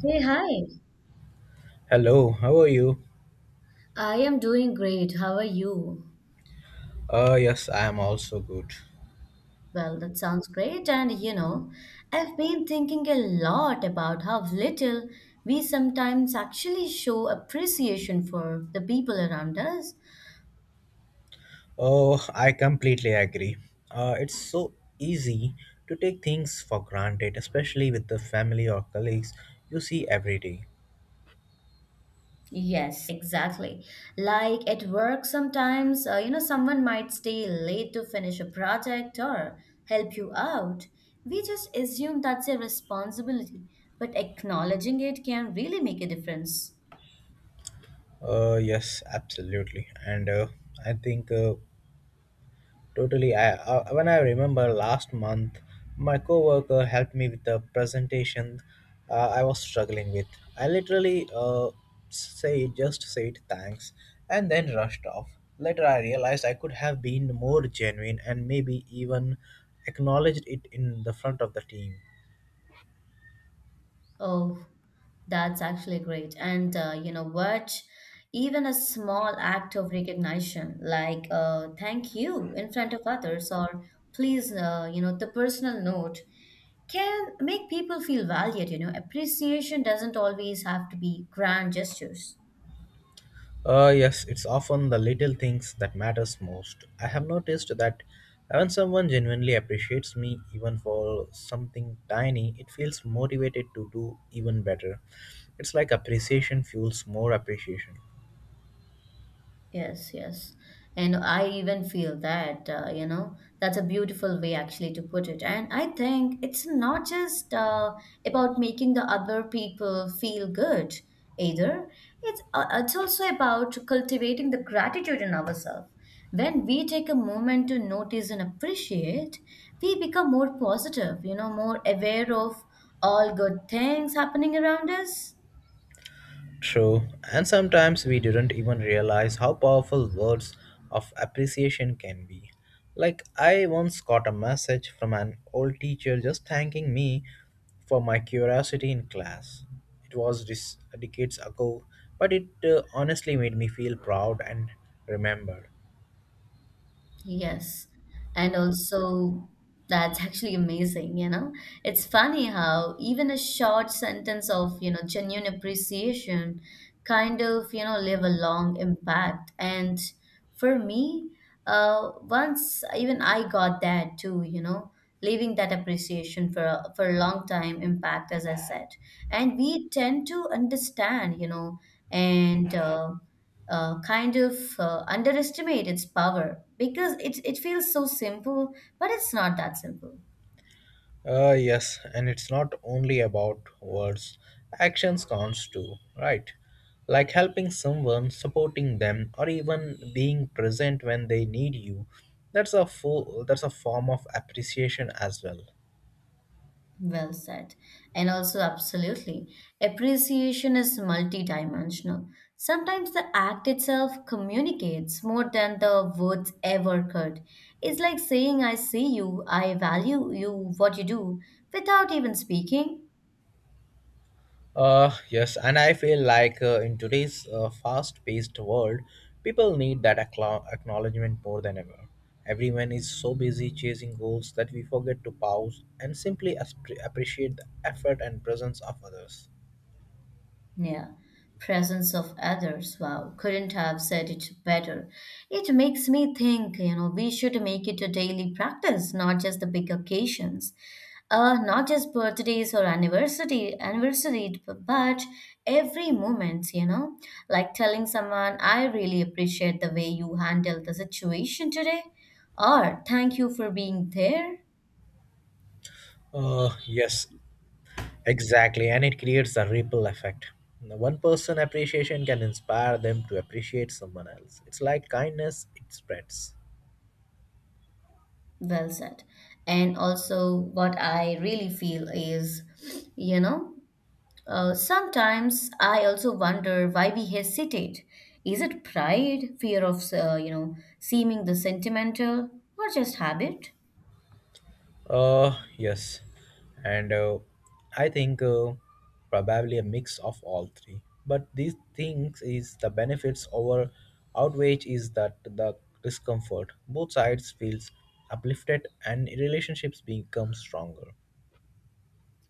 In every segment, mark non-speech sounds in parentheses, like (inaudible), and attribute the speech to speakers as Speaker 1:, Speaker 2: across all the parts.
Speaker 1: Hey, hi.
Speaker 2: Hello, how are you?
Speaker 1: I am doing great. How are you?
Speaker 2: Yes, I am also good.
Speaker 1: Well, that sounds great. And you know, I've been thinking a lot about how little we sometimes actually show appreciation for the people around us.
Speaker 2: Oh, I completely agree. It's so easy to take things for granted, especially with the family or colleagues you see every day.
Speaker 1: Yes, exactly. Like at work, sometimes, someone might stay late to finish a project or help you out. We just assume that's a responsibility, but acknowledging it can really make a difference.
Speaker 2: Yes, absolutely. And I think Totally. I when I remember last month, my coworker helped me with a presentation I was struggling with. I literally say just said thanks and then rushed off. Later, I realized I could have been more genuine and maybe even acknowledged it in the front of the team.
Speaker 1: Oh, that's actually great. And you know what? Even a small act of recognition, like thank you in front of others, or please, the personal note can make people feel valued. You know, appreciation doesn't always have to be grand gestures.
Speaker 2: Yes, it's often the little things that matters most. I have noticed that when someone genuinely appreciates me, even for something tiny, it feels motivated to do even better. It's like appreciation fuels more appreciation.
Speaker 1: Yes, yes. And I even feel that, that's a beautiful way actually to put it. And I think it's not just about making the other people feel good either. It's also about cultivating the gratitude in ourselves. When we take a moment to notice and appreciate, we become more positive, you know, more aware of all good things happening around us.
Speaker 2: True, and sometimes we didn't even realize how powerful words of appreciation can be. Like, I once got a message from an old teacher just thanking me for my curiosity in class. It was decades ago, but it honestly made me feel proud and remembered.
Speaker 1: Yes. And also, that's actually amazing, you know? It's funny how even a short sentence of, you know, genuine appreciation kind of, you know, leave a long impact. And for me, once even I got that too, you know, leaving that appreciation for for a long time impact, as I said. And we tend to understand, you know, and kind of underestimate its power because it feels so simple, but it's not that simple.
Speaker 2: Yes, and it's not only about words, actions counts too, right? Like helping someone, supporting them, or even being present when they need you. That's a form of appreciation as well.
Speaker 1: Well said. And also, absolutely, appreciation is multidimensional. Sometimes the act itself communicates more than the words ever could. It's like saying, I see you, I value you, what you do, without even speaking.
Speaker 2: Yes, and I feel like in today's fast paced world, people need that accla acknowledgement more than ever. Everyone is so busy chasing goals that we forget to pause and simply appreciate the effort and presence of others.
Speaker 1: Yeah, presence of others. Wow, couldn't have said it better. It makes me think, you know, we should make it a daily practice, not just the big occasions. Not just birthdays or anniversary, but every moment, you know, like telling someone, I really appreciate the way you handled the situation today, or thank you for being there.
Speaker 2: Yes, exactly. And it creates a ripple effect. One person appreciation can inspire them to appreciate someone else. It's like kindness, it spreads.
Speaker 1: Well said. And also, what I really feel is, you know, sometimes I also wonder why we hesitate. Is it pride, fear of, seeming the sentimental, or just habit?
Speaker 2: Yes. And I think Probably a mix of all three. But these things is the benefits over outrage is that the discomfort. Both sides feels uplifted and relationships become stronger.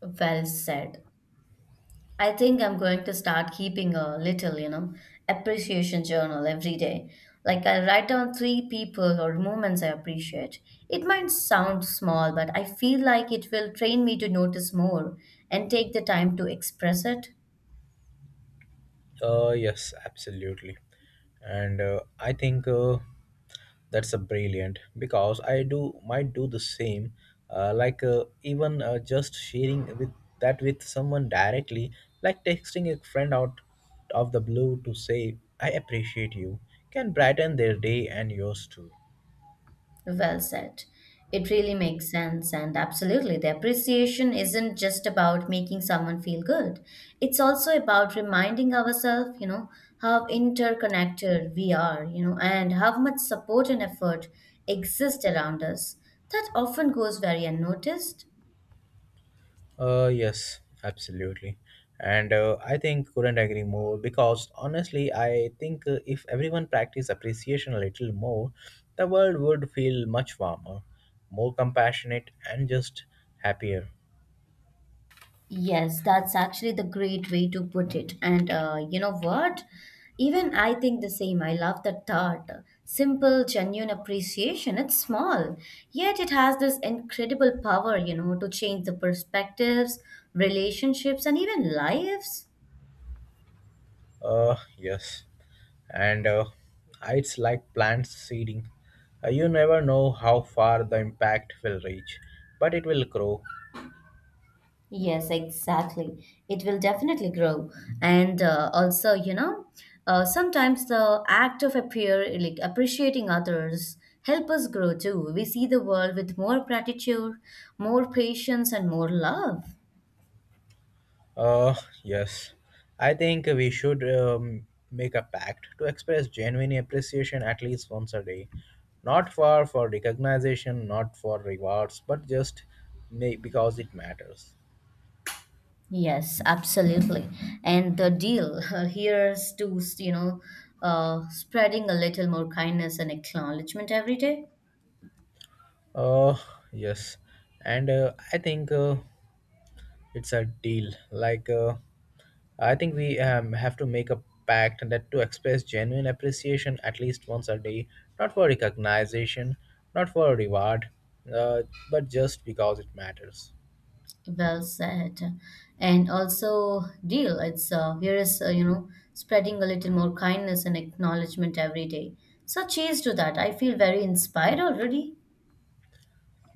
Speaker 1: Well said. I think I'm going to start keeping a little, you know, appreciation journal every day. Like I write down three people or moments I appreciate. It might sound small, but I feel like it will train me to notice more and take the time to express it.
Speaker 2: Yes, absolutely. And I think That's a brilliant because I do might do the same. Like even Just sharing with that with someone directly, like texting a friend out of the blue to say I appreciate you, can brighten their day and yours too.
Speaker 1: Well said. It really makes sense, and absolutely, the appreciation isn't just about making someone feel good. It's also about reminding ourselves, you know, how interconnected we are, you know, and how much support and effort exist around us. That often goes very unnoticed.
Speaker 2: Yes, absolutely. And I think couldn't agree more because honestly, I think if everyone practiced appreciation a little more, the world would feel much warmer, more compassionate, and just happier.
Speaker 1: Yes, that's actually the great way to put it. And you know what? Even I think the same. I love the thought. Simple, genuine appreciation. It's small, yet it has this incredible power, you know, to change the perspectives, relationships, and even lives.
Speaker 2: Yes. And It's like plant seeding. You never know how far the impact will reach, but it will grow.
Speaker 1: Yes, exactly. It will definitely grow. And also, you know, sometimes the act of appear, like appreciating others help us grow too. We see the world with more gratitude, more patience, and more love.
Speaker 2: Uh, yes. I think we should make a pact to express genuine appreciation at least once a day. Not for recognition, not for rewards, but just may, because it matters.
Speaker 1: Yes, absolutely. And the deal (laughs) here's to, you know, spreading a little more kindness and acknowledgement every day.
Speaker 2: Uh, yes. And I think It's a deal. I think we have to make a pact that to express genuine appreciation at least once a day, not for recognition, not for reward, uh, but just because it matters.
Speaker 1: Well said. And also, deal. It's Here is you know spreading a little more kindness and acknowledgement every day. So cheers to that. I feel very inspired already.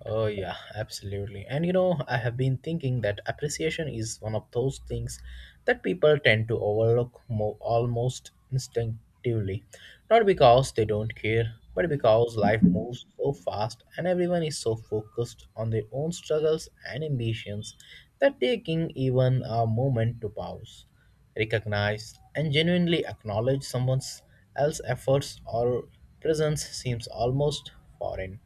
Speaker 2: Oh, yeah, absolutely. And you know, I have been thinking that appreciation is one of those things that people tend to overlook almost instinctively. Not because they don't care, but because life moves so fast and everyone is so focused on their own struggles and ambitions that taking even a moment to pause recognize and genuinely acknowledge someone else's efforts or presence seems almost foreign.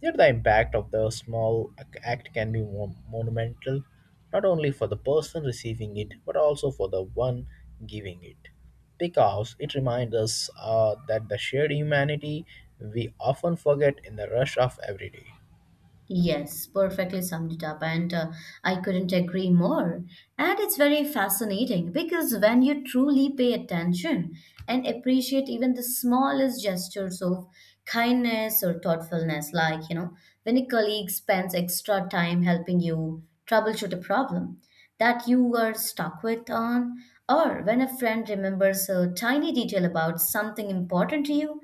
Speaker 2: Yet the impact of the small act can be monumental, not only for the person receiving it, but also for the one giving it. Because it reminds us that the shared humanity we often forget in the rush of every day.
Speaker 1: Yes, perfectly summed it up, and I couldn't agree more. And it's very fascinating because when you truly pay attention and appreciate even the smallest gestures of kindness or thoughtfulness, like, you know, when a colleague spends extra time helping you troubleshoot a problem that you were stuck with on, or when a friend remembers a tiny detail about something important to you,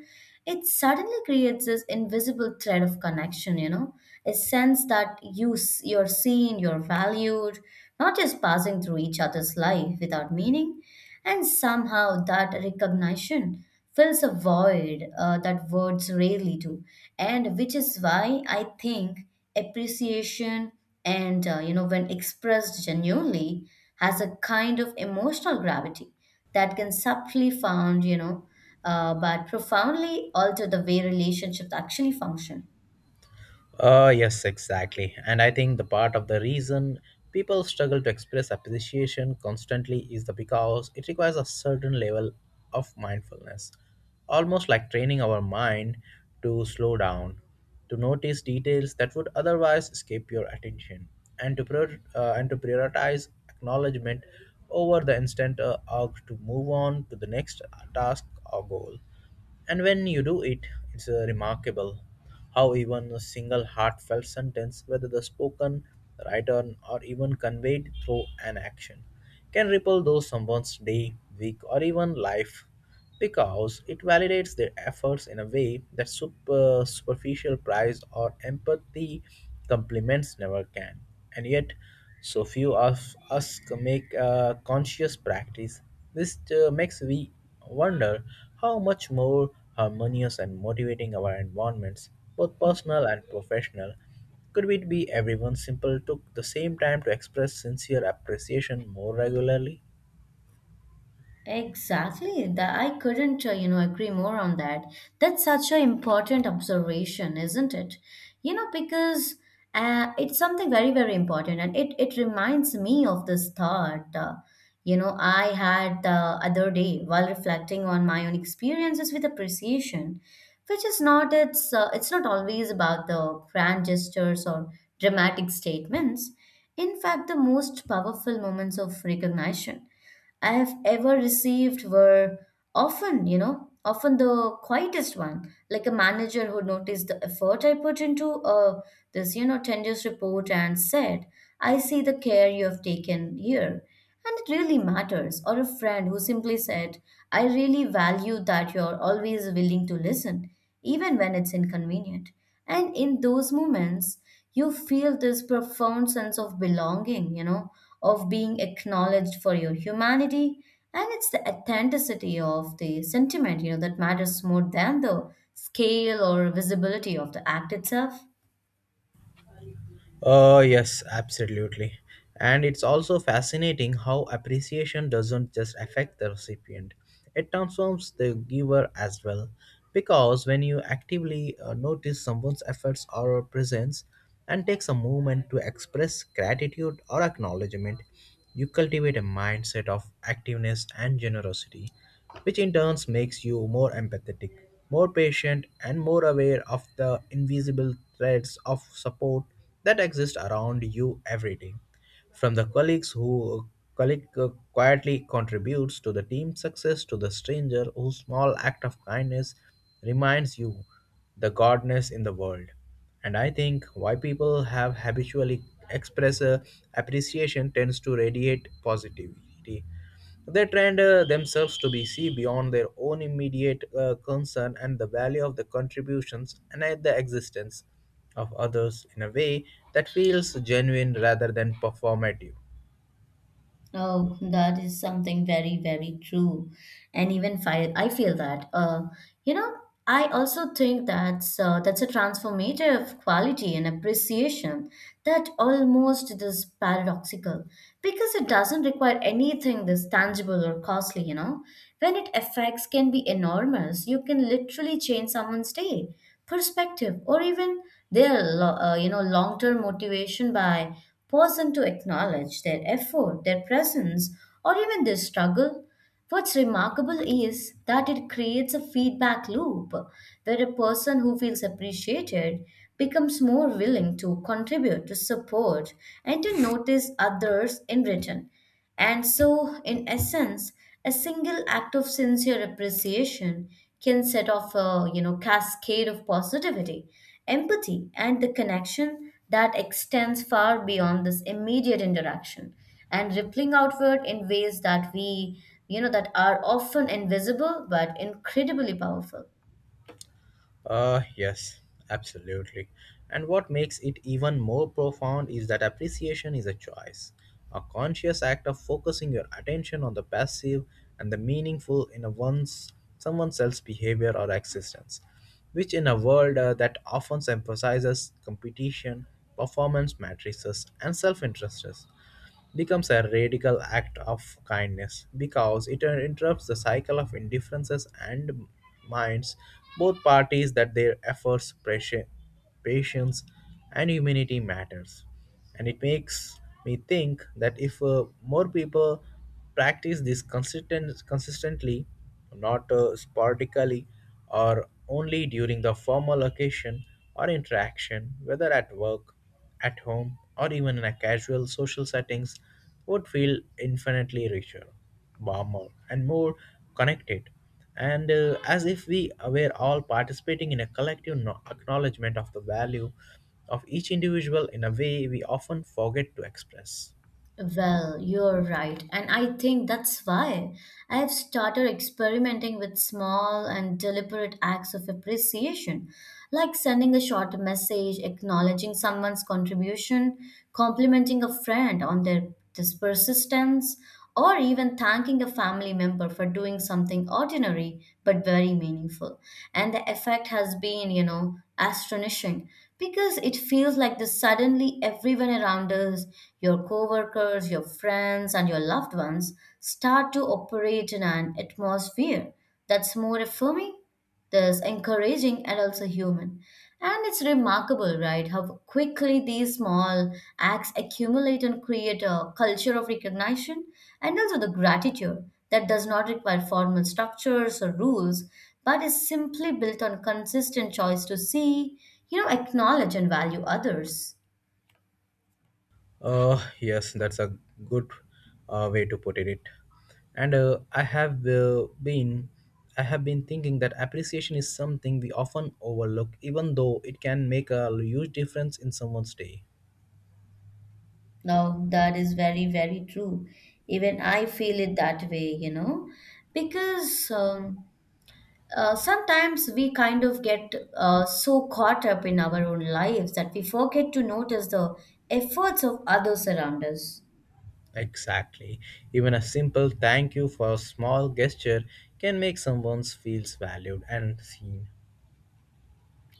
Speaker 1: it suddenly creates this invisible thread of connection, you know, a sense that you're seen, you're valued, not just passing through each other's life without meaning, and somehow that recognition fills a void that words rarely do, and which is why I think appreciation and you know, when expressed genuinely, has a kind of emotional gravity that can subtly found, you know, but profoundly alter the way relationships actually function.
Speaker 2: Yes, exactly. And I think the part of the reason people struggle to express appreciation constantly is the because it requires a certain level of mindfulness, almost like training our mind to slow down, to notice details that would otherwise escape your attention, and to prioritize acknowledgement over the instant urge to move on to the next task or goal. And when you do it, it's remarkable how even a single heartfelt sentence, whether the spoken, written, or even conveyed through an action, can ripple through someone's day, week, or even life because it validates their efforts in a way that superficial praise or empathy compliments never can. And yet, so few of us make a conscious practice. This makes we wonder how much more harmonious and motivating our environments, both personal and professional, could it be everyone simple took the same time to express sincere appreciation more regularly?
Speaker 1: Exactly. That I couldn't, agree more on that. That's such an important observation, isn't it? You know, because it's something very, very important, and it reminds me of this thought. You know, I had the other day while reflecting on my own experiences with appreciation, which is not it's not always about the grand gestures or dramatic statements. In fact, the most powerful moments of recognition I have ever received were often, you know, often the quietest one, like a manager who noticed the effort I put into this, you know, tedious report and said, I see the care you have taken here. And it really matters. Or a friend who simply said, I really value that you're always willing to listen, even when it's inconvenient. And in those moments, you feel this profound sense of belonging, you know, of being acknowledged for your humanity. And it's the authenticity of the sentiment, you know, that matters more than the scale or visibility of the act itself.
Speaker 2: Yes, absolutely. And it's also fascinating how appreciation doesn't just affect the recipient, it transforms the giver as well. Because when you actively notice someone's efforts or presence and takes a moment to express gratitude or acknowledgement, you cultivate a mindset of activeness and generosity, which in turn makes you more empathetic, more patient, and more aware of the invisible threads of support that exist around you every day from the colleagues who colleague quietly contributes to the team's success to the stranger whose small act of kindness reminds you the godness in the world, and I think why people have habitually express appreciation tends to radiate positivity. They trained themselves to be see beyond their own immediate concern and the value of the contributions and at the existence of others in a way that feels genuine rather than performative.
Speaker 1: Oh, that is something very, very true. And even I feel that. You know, I also think that's a transformative quality and appreciation that almost is paradoxical because it doesn't require anything this tangible or costly. You know, when it affects can be enormous, you can literally change someone's day, perspective, or even their you know, long-term motivation by pausing to acknowledge their effort, their presence, or even their struggle. What's remarkable is that it creates a feedback loop where a person who feels appreciated becomes more willing to contribute, to support, and to notice others in return. And so, in essence, a single act of sincere appreciation can set off a, you know, cascade of positivity, empathy, and the connection that extends far beyond this immediate interaction and rippling outward in ways that we, you know, that are often invisible but incredibly powerful.
Speaker 2: Yes, absolutely. And what makes it even more profound is that appreciation is a choice, a conscious act of focusing your attention on the passive and the meaningful in a one's someone else's behavior or existence, which in a world that often emphasizes competition, performance matrices, and self-interests becomes a radical act of kindness because it interrupts the cycle of indifferences and minds both parties that their efforts, pressure, patience, and humanity matters. And it makes me think that if more people practice this consistently, not sporadically or only during the formal occasion or interaction, whether at work at home or even in a casual social settings would feel infinitely richer, warmer, and more connected. And as if we were all participating in a collective acknowledgement of the value of each individual in a way we often forget to express.
Speaker 1: Well, you're right. And I think that's why I've started experimenting with small and deliberate acts of appreciation, like sending a short message, acknowledging someone's contribution, complimenting a friend on their this persistence, or even thanking a family member for doing something ordinary but very meaningful. And the effect has been, you know, astonishing because it feels like the suddenly everyone around us, your coworkers, your friends, and your loved ones, start to operate in an atmosphere that's more affirming, that's encouraging and also human. And it's remarkable, right, how quickly these small acts accumulate and create a culture of recognition and also the gratitude that does not require formal structures or rules, but is simply built on consistent choice to see, you know, acknowledge and value others.
Speaker 2: Yes, that's a good way to put it. And I have been thinking that appreciation is something we often overlook, even though it can make a huge difference in someone's day.
Speaker 1: No, that is very, very true. Even I feel it that way, you know, because sometimes we kind of get so caught up in our own lives that we forget to notice the efforts of others around us.
Speaker 2: Exactly. Even a simple thank you for a small gesture can make someone feels valued and seen.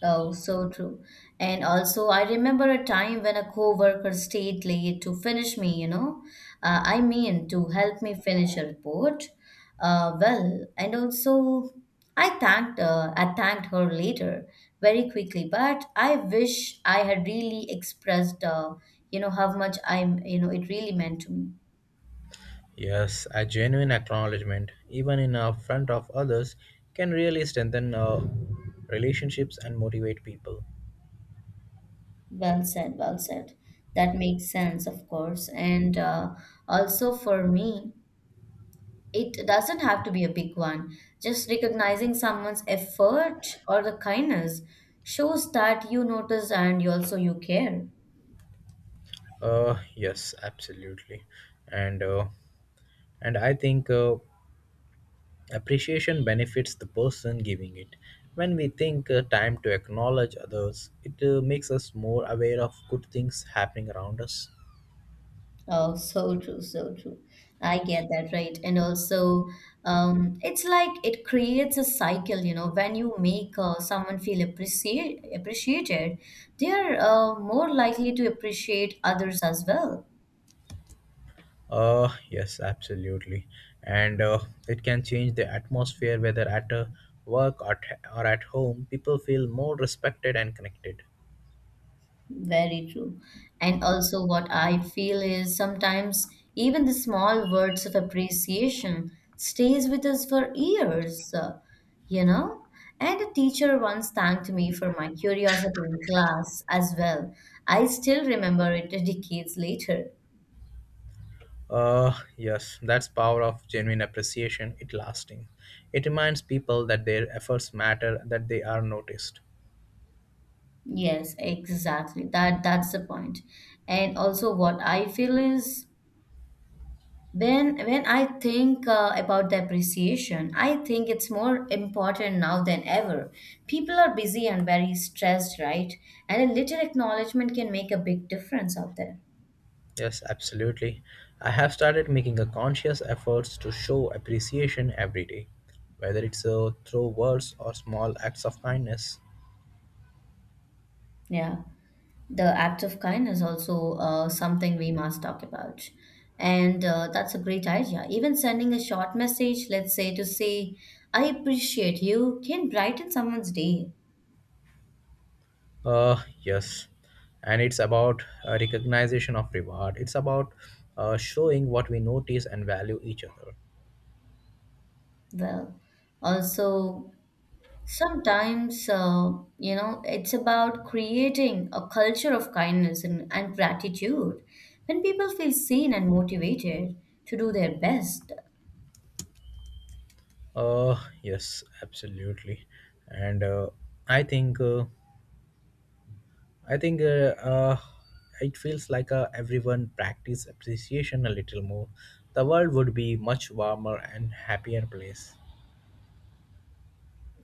Speaker 1: Oh, so true. And also, I remember a time when a coworker stayed late to finish me, you know, I mean, to help me finish a report. Well, and also, I thanked her later very quickly, but I wish I had really expressed, you know, how much I'm, you know, it really meant to me.
Speaker 2: Yes, a genuine acknowledgement, even in front of others, can really strengthen relationships and motivate people.
Speaker 1: Well said, well said. That makes sense, of course. And also for me, it doesn't have to be a big one. Just recognizing someone's effort or the kindness shows that you notice and you also you care.
Speaker 2: Yes, absolutely, and uh, and I think appreciation benefits the person giving it. When we think time to acknowledge others, it makes us more aware of good things happening around us.
Speaker 1: Oh, so true, so true. I get that, right? And also, it's like it creates a cycle, you know, when you make someone feel appreciated, they're more likely to appreciate others as well.
Speaker 2: Yes, absolutely, and it can change the atmosphere whether at work or at home. People feel more respected and connected.
Speaker 1: Very true. And also, what I feel is sometimes even the small words of appreciation stays with us for years, you know? And a teacher once thanked me for my curiosity in class as well. I still remember it decades later.
Speaker 2: Yes, that's power of genuine appreciation. It lasting. It reminds people that their efforts matter, that they are noticed.
Speaker 1: Yes, exactly. That's the point. And also what I feel is, when I think about the appreciation, I think it's more important now than ever. People are busy and very stressed, right? And a little acknowledgement can make a big difference out there.
Speaker 2: Yes, absolutely. I have started making a conscious efforts to show appreciation every day, whether it's through words or small acts of kindness.
Speaker 1: Yeah, the act of kindness also something we must talk about, and that's a great idea. Even sending a short message, let's say to say, "I appreciate you," can brighten someone's day.
Speaker 2: Yes, and it's about recognition of reward. It's about showing what we notice and value each other.
Speaker 1: Well, also sometimes, you know, it's about creating a culture of kindness and gratitude. When people feel seen and motivated to do their best,
Speaker 2: Yes, absolutely. And I think uh, I think It feels like everyone practice appreciation a little more. The world would be much warmer and happier place.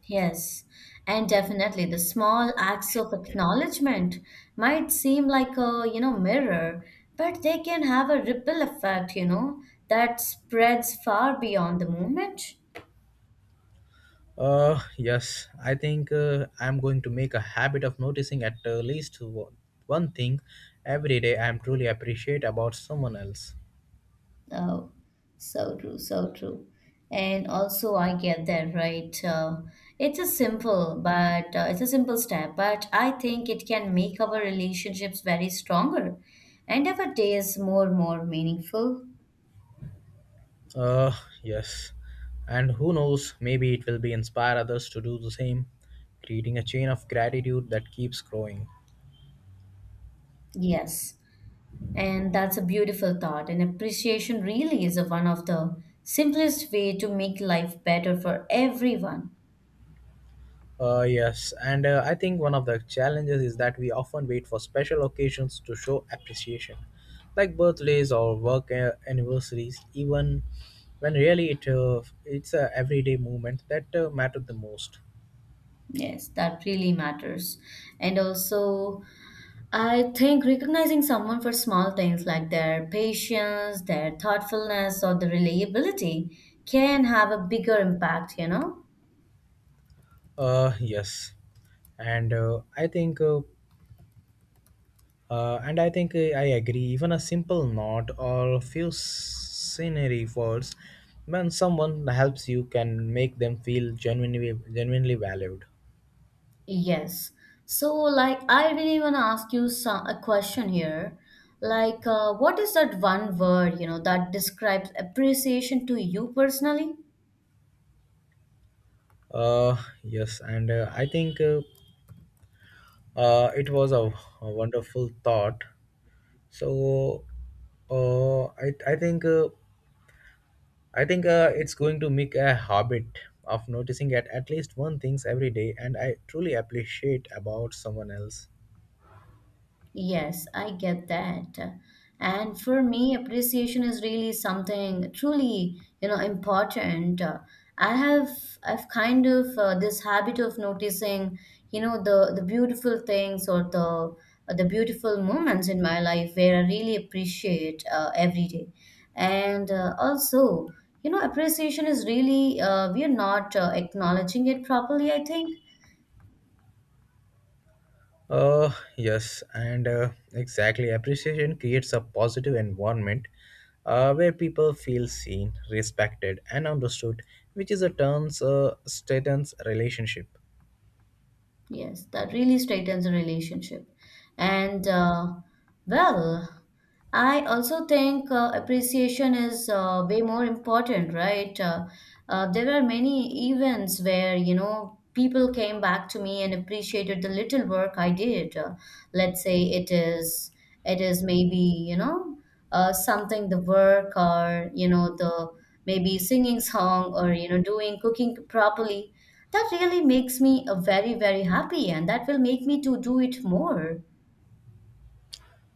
Speaker 1: yes, and definitely the small acts of acknowledgement might seem like a, you know, mirror, but they can have a ripple effect, you know, that spreads far beyond the moment.
Speaker 2: Yes, I'm going to make a habit of noticing at least one thing every day I'm truly appreciate about someone else.
Speaker 1: Oh, so true, so true. And also, I get that, right? It's a simple, but it's a simple step, but I think it can make our relationships very stronger and our days more meaningful.
Speaker 2: Uh, yes. And who knows, maybe it will be inspire others to do the same, creating a chain of gratitude that keeps growing.
Speaker 1: Yes, and that's a beautiful thought. And appreciation really is a, one of the simplest way to make life better for everyone.
Speaker 2: Yes, and I think one of the challenges is that we often wait for special occasions to show appreciation, like birthdays or work anniversaries, even when really it's a everyday movement that matter the most.
Speaker 1: Yes, that really matters. And also, I think recognizing someone for small things like their patience, their thoughtfulness, or the reliability can have a bigger impact, you know?
Speaker 2: Yes, and I think and I think I agree, even a simple nod or a few scenery words when someone helps you can make them feel genuinely valued.
Speaker 1: Yes. So, like, I really want to ask you some, a question here. Like, what is that one word, you know, that describes appreciation to you personally?
Speaker 2: Uh, yes, and I think it was a wonderful thought. So uh, I, I think uh, I think it's going to make a habit of noticing at least one things every day and I truly appreciate about someone else.
Speaker 1: Yes, I get that. And for me, appreciation is really something truly, you know, important. I have I've kind of this habit of noticing, you know, the beautiful things or the beautiful moments in my life where I really appreciate every day. And also, you know, appreciation is really we are not acknowledging it properly, I think.
Speaker 2: Yes, and exactly. Appreciation creates a positive environment where people feel seen, respected, and understood, which is a terms status relationship.
Speaker 1: Yes, that really straightens a relationship. And well, I also think appreciation is way more important, right? There are many events where, you know, people came back to me and appreciated the little work I did. Let's say it is maybe, you know, something the work or, you know, the maybe singing song or, you know, doing cooking properly that really makes me very, very happy, and that will make me to do it more.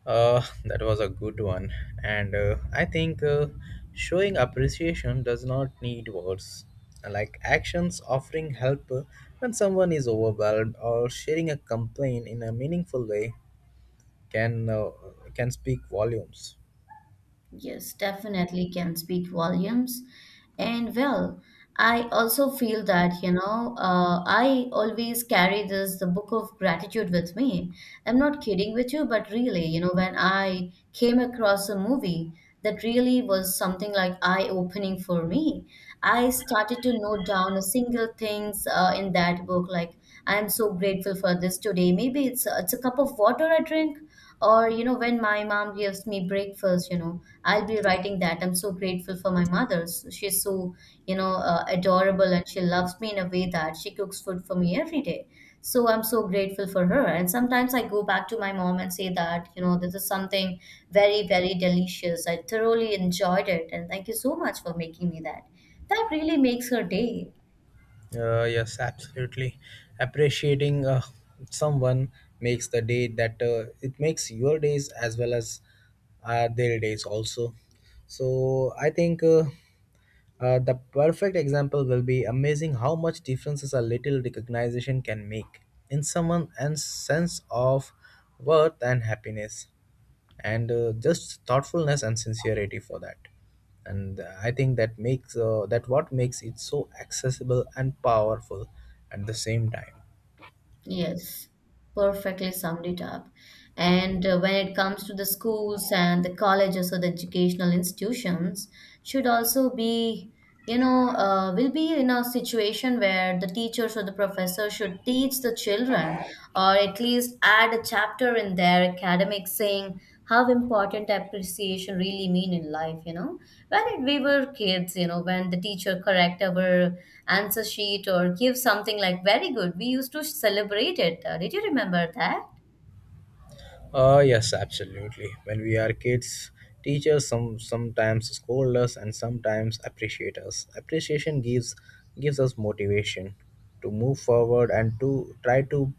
Speaker 2: That was a good one, and I think showing appreciation does not need words, like actions offering help when someone is overwhelmed or sharing a complaint in a meaningful way can uh, can speak volumes.
Speaker 1: Yes, definitely can speak volumes. And well, I also feel that, you know, I always carry this, the book of gratitude with me. I'm not kidding with you, but really, you know, when I came across a movie that really was something like eye-opening for me, I started to note down a single things in that book, like I am so grateful for this today. Maybe it's a cup of water I drink or, you know, when my mom gives me breakfast, you know, I'll be writing that. I'm so grateful for my mother. So she's so, you know, adorable and she loves me in a way that she cooks food for me every day. So I'm so grateful for her. And sometimes I go back to my mom and say that, you know, this is something very, very delicious. I thoroughly enjoyed it. And thank you so much for making me that. That really makes her day.
Speaker 2: Yes, absolutely. Appreciating someone makes the day that it makes your days as well as their days also. So I think the perfect example will be amazing how much differences a little recognition can make in someone's sense of worth and happiness, and just thoughtfulness and sincerity for that. And I think that makes that what makes it so accessible and powerful at the same time.
Speaker 1: Yes, perfectly summed it up. And when it comes to the schools and the colleges or the educational institutions, should also be, you know, will be in a situation where the teachers or the professor should teach the children, or at least just add a chapter in their academic saying how important appreciation really mean in life, you know? When it, we were kids, you know, when the teacher correct our answer sheet or give something like very good, we used to celebrate it. Did you remember that?
Speaker 2: Yes, absolutely. When we are kids, teachers sometimes scold us and sometimes appreciate us. Appreciation gives us motivation to move forward and to try to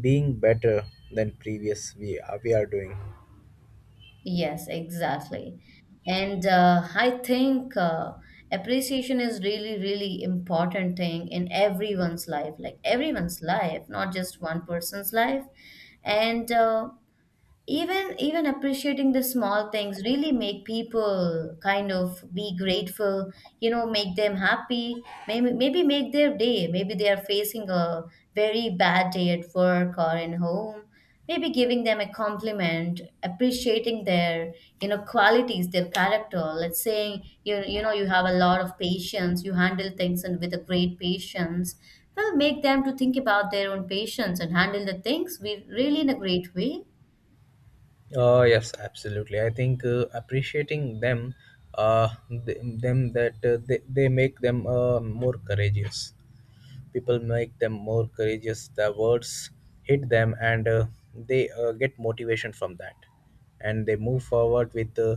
Speaker 2: being better than previous we are doing.
Speaker 1: Yes, exactly. And I think appreciation is really, really important thing in everyone's life, like everyone's life, not just one person's life. And even appreciating the small things really make people kind of be grateful, you know, make them happy. Maybe, maybe make their day. Maybe they are facing a very bad day at work or in home. Maybe giving them a compliment, appreciating their, you know, qualities, their character. Let's say you, you know, you have a lot of patience, you handle things and with a great patience, well, make them to think about their own patience and handle the things we really in a great way.
Speaker 2: Yes, absolutely. I think appreciating them, uh, they make them more courageous. People make them more courageous. The words hit them and they get motivation from that and they move forward with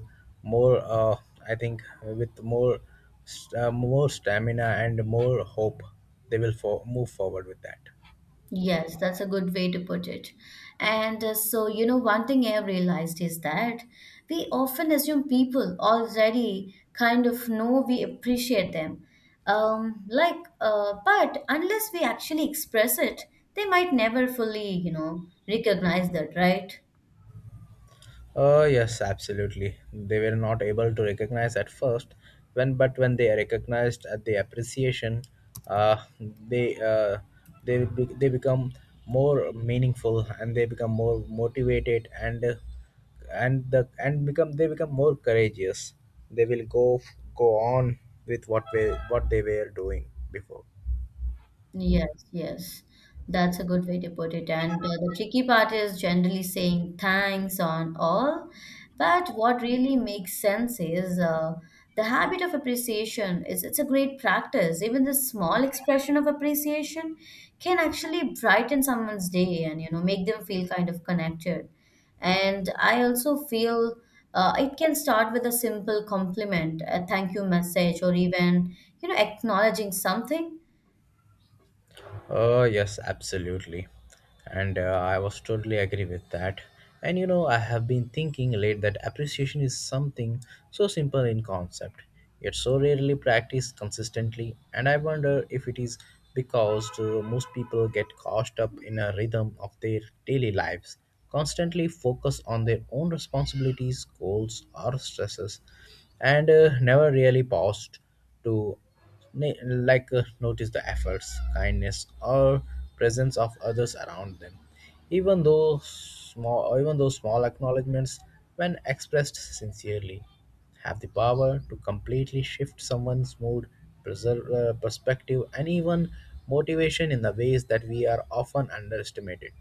Speaker 2: more I think with more more stamina and more hope. They will move forward with that.
Speaker 1: Yes, that's a good way to put it. And so, you know, one thing I have realized is that we often assume people already kind of know we appreciate them. Like, but unless we actually express it, they might never fully, you know, recognize that, right?
Speaker 2: Oh yes, absolutely. They were not able to recognize at first, when but when they are recognized at the appreciation, uh, they uh, they become more meaningful and they become more motivated and the and become they become more courageous. They will go on with what they were doing before.
Speaker 1: Yes, yes. That's a good way to put it. And the tricky part is generally saying thanks on all. But what really makes sense is the habit of appreciation is it's a great practice. Even the small expression of appreciation can actually brighten someone's day and, you know, make them feel kind of connected. And I also feel it can start with a simple compliment, a thank you message, or even, you know, acknowledging something.
Speaker 2: Oh, yes, absolutely. And I was totally agree with that. And you know, I have been thinking late that appreciation is something so simple in concept, yet so rarely practiced consistently. And I wonder if it is because most people get caught up in a rhythm of their daily lives, constantly focus on their own responsibilities, goals, or stresses, and never really paused to na- notice the efforts, kindness or presence of others around them, even though small acknowledgments, when expressed sincerely, have the power to completely shift someone's mood, perspective and even motivation in the ways that we are often underestimated.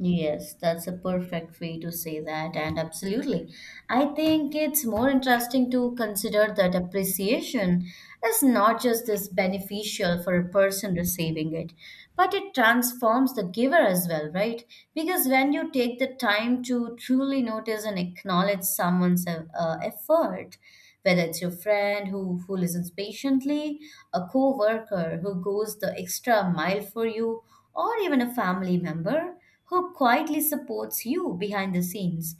Speaker 1: Yes, that's a perfect way to say that, and absolutely. I think it's more interesting to consider that appreciation is not just this beneficial for a person receiving it, but it transforms the giver as well, right? Because when you take the time to truly notice and acknowledge someone's effort, whether it's your friend who listens patiently, a co worker who goes the extra mile for you, or even a family member, who quietly supports you behind the scenes.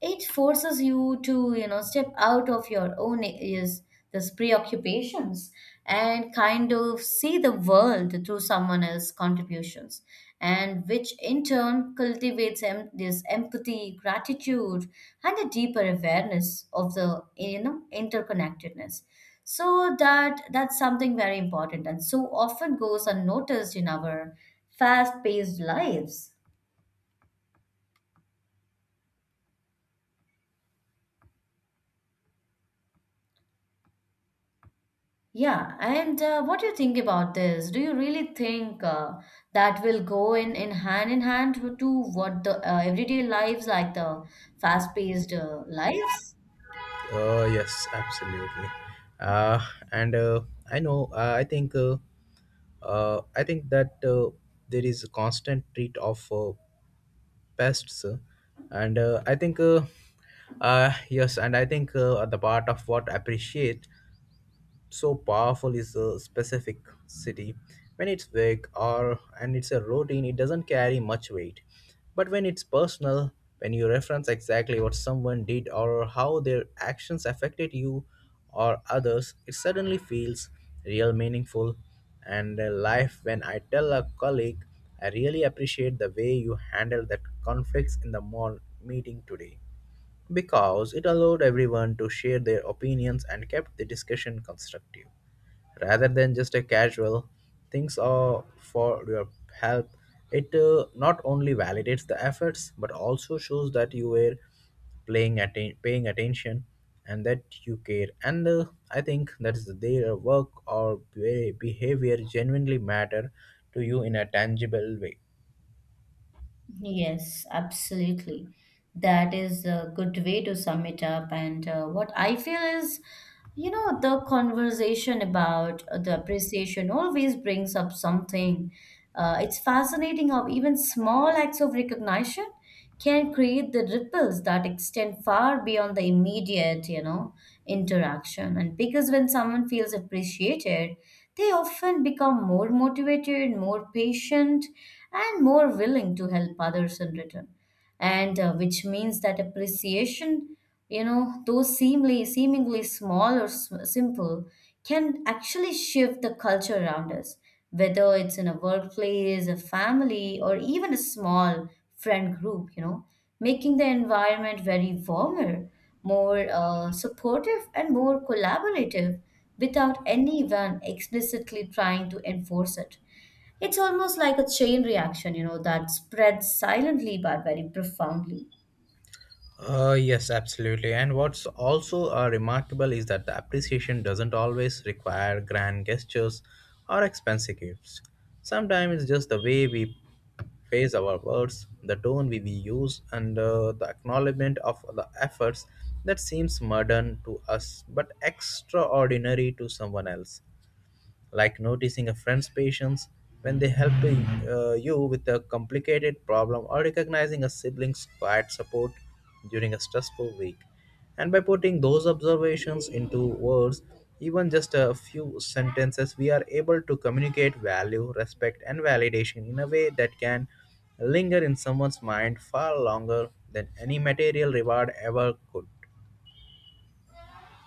Speaker 1: It forces you to, you know, step out of your own is this preoccupations and kind of see the world through someone else's contributions, and which in turn cultivates this empathy, gratitude, and a deeper awareness of the, you know, interconnectedness. So that's something very important and so often goes unnoticed in our fast-paced lives. Yeah, and what do you think about this? Do you really think that will go in hand to what the everyday lives like the fast-paced lives?
Speaker 2: Yes, absolutely. Uh, and I know I think that there is a constant treat of pests, and I think yes and I think the part of what appreciate so powerful is a specific city. When it's big or and it's a routine, it doesn't carry much weight, but when it's personal, when you reference exactly what someone did or how their actions affected you or others, it suddenly feels real, meaningful. And life, when I tell a colleague I really appreciate the way you handled that conflicts in the mall meeting today, because it allowed everyone to share their opinions and kept the discussion constructive rather than just a casual things or for your help, it not only validates the efforts but also shows that you were paying attention and that you care. And I think that is their work or behavior genuinely matter to you in a tangible way.
Speaker 1: Yes, absolutely. That is a good way to sum it up. And what I feel is, you know, the conversation about the appreciation always brings up something. It's fascinating how even small acts of recognition can create the ripples that extend far beyond the immediate, you know, interaction. And because when someone feels appreciated, they often become more motivated, more patient, and more willing to help others in return, and which means that appreciation, you know, though seemingly small or simple can actually shift the culture around us, whether it's in a workplace, a family, or even a small friend group, you know, making the environment very warmer, more supportive and more collaborative without anyone explicitly trying to enforce it. It's almost like a chain reaction, you know, that spreads silently but very profoundly.
Speaker 2: Yes, absolutely. And what's also remarkable is that the appreciation doesn't always require grand gestures or expensive gifts. Sometimes it's just the way we phrase our words, the tone we use, and the acknowledgement of the efforts that seems modern to us but extraordinary to someone else, like noticing a friend's patience when they help you with a complicated problem, or recognizing a sibling's quiet support during a stressful week. And by putting those observations into words, even just a few sentences, we are able to communicate value, respect, and validation in a way that can linger in someone's mind far longer than any material reward ever could.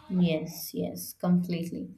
Speaker 1: Yes, yes, completely.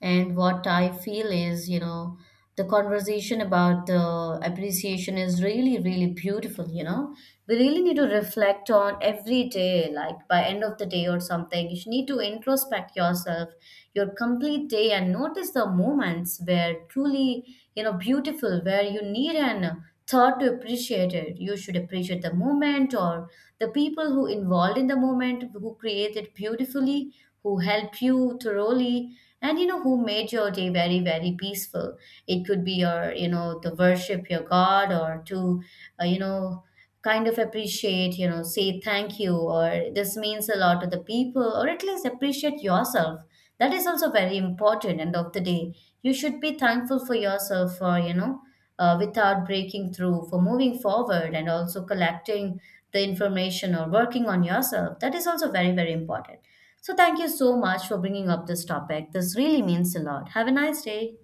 Speaker 1: And what I feel is, you know, the conversation about the appreciation is really, really beautiful, you know. We really need to reflect on every day, like by end of the day or something. You need to introspect yourself, your complete day, and notice the moments where truly, you know, beautiful, where you need an taught to appreciate it. You should appreciate the moment or the people who involved in the moment, who created beautifully, who helped you thoroughly, and, you know, who made your day very very peaceful. It could be your, you know, to worship your God or to, you know, kind of appreciate, you know, say thank you or this means a lot to the people or at least appreciate yourself. That is also very important end of the day. You should be thankful for yourself for, you know, without breaking through, for moving forward and also collecting the information or working on yourself. That is also very, very important. So thank you so much for bringing up this topic. This really means a lot. Have a nice day.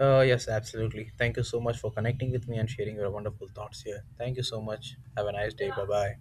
Speaker 2: Yes, absolutely. Thank you so much for connecting with me and sharing your wonderful thoughts here. Thank you so much. Have a nice day. Bye bye.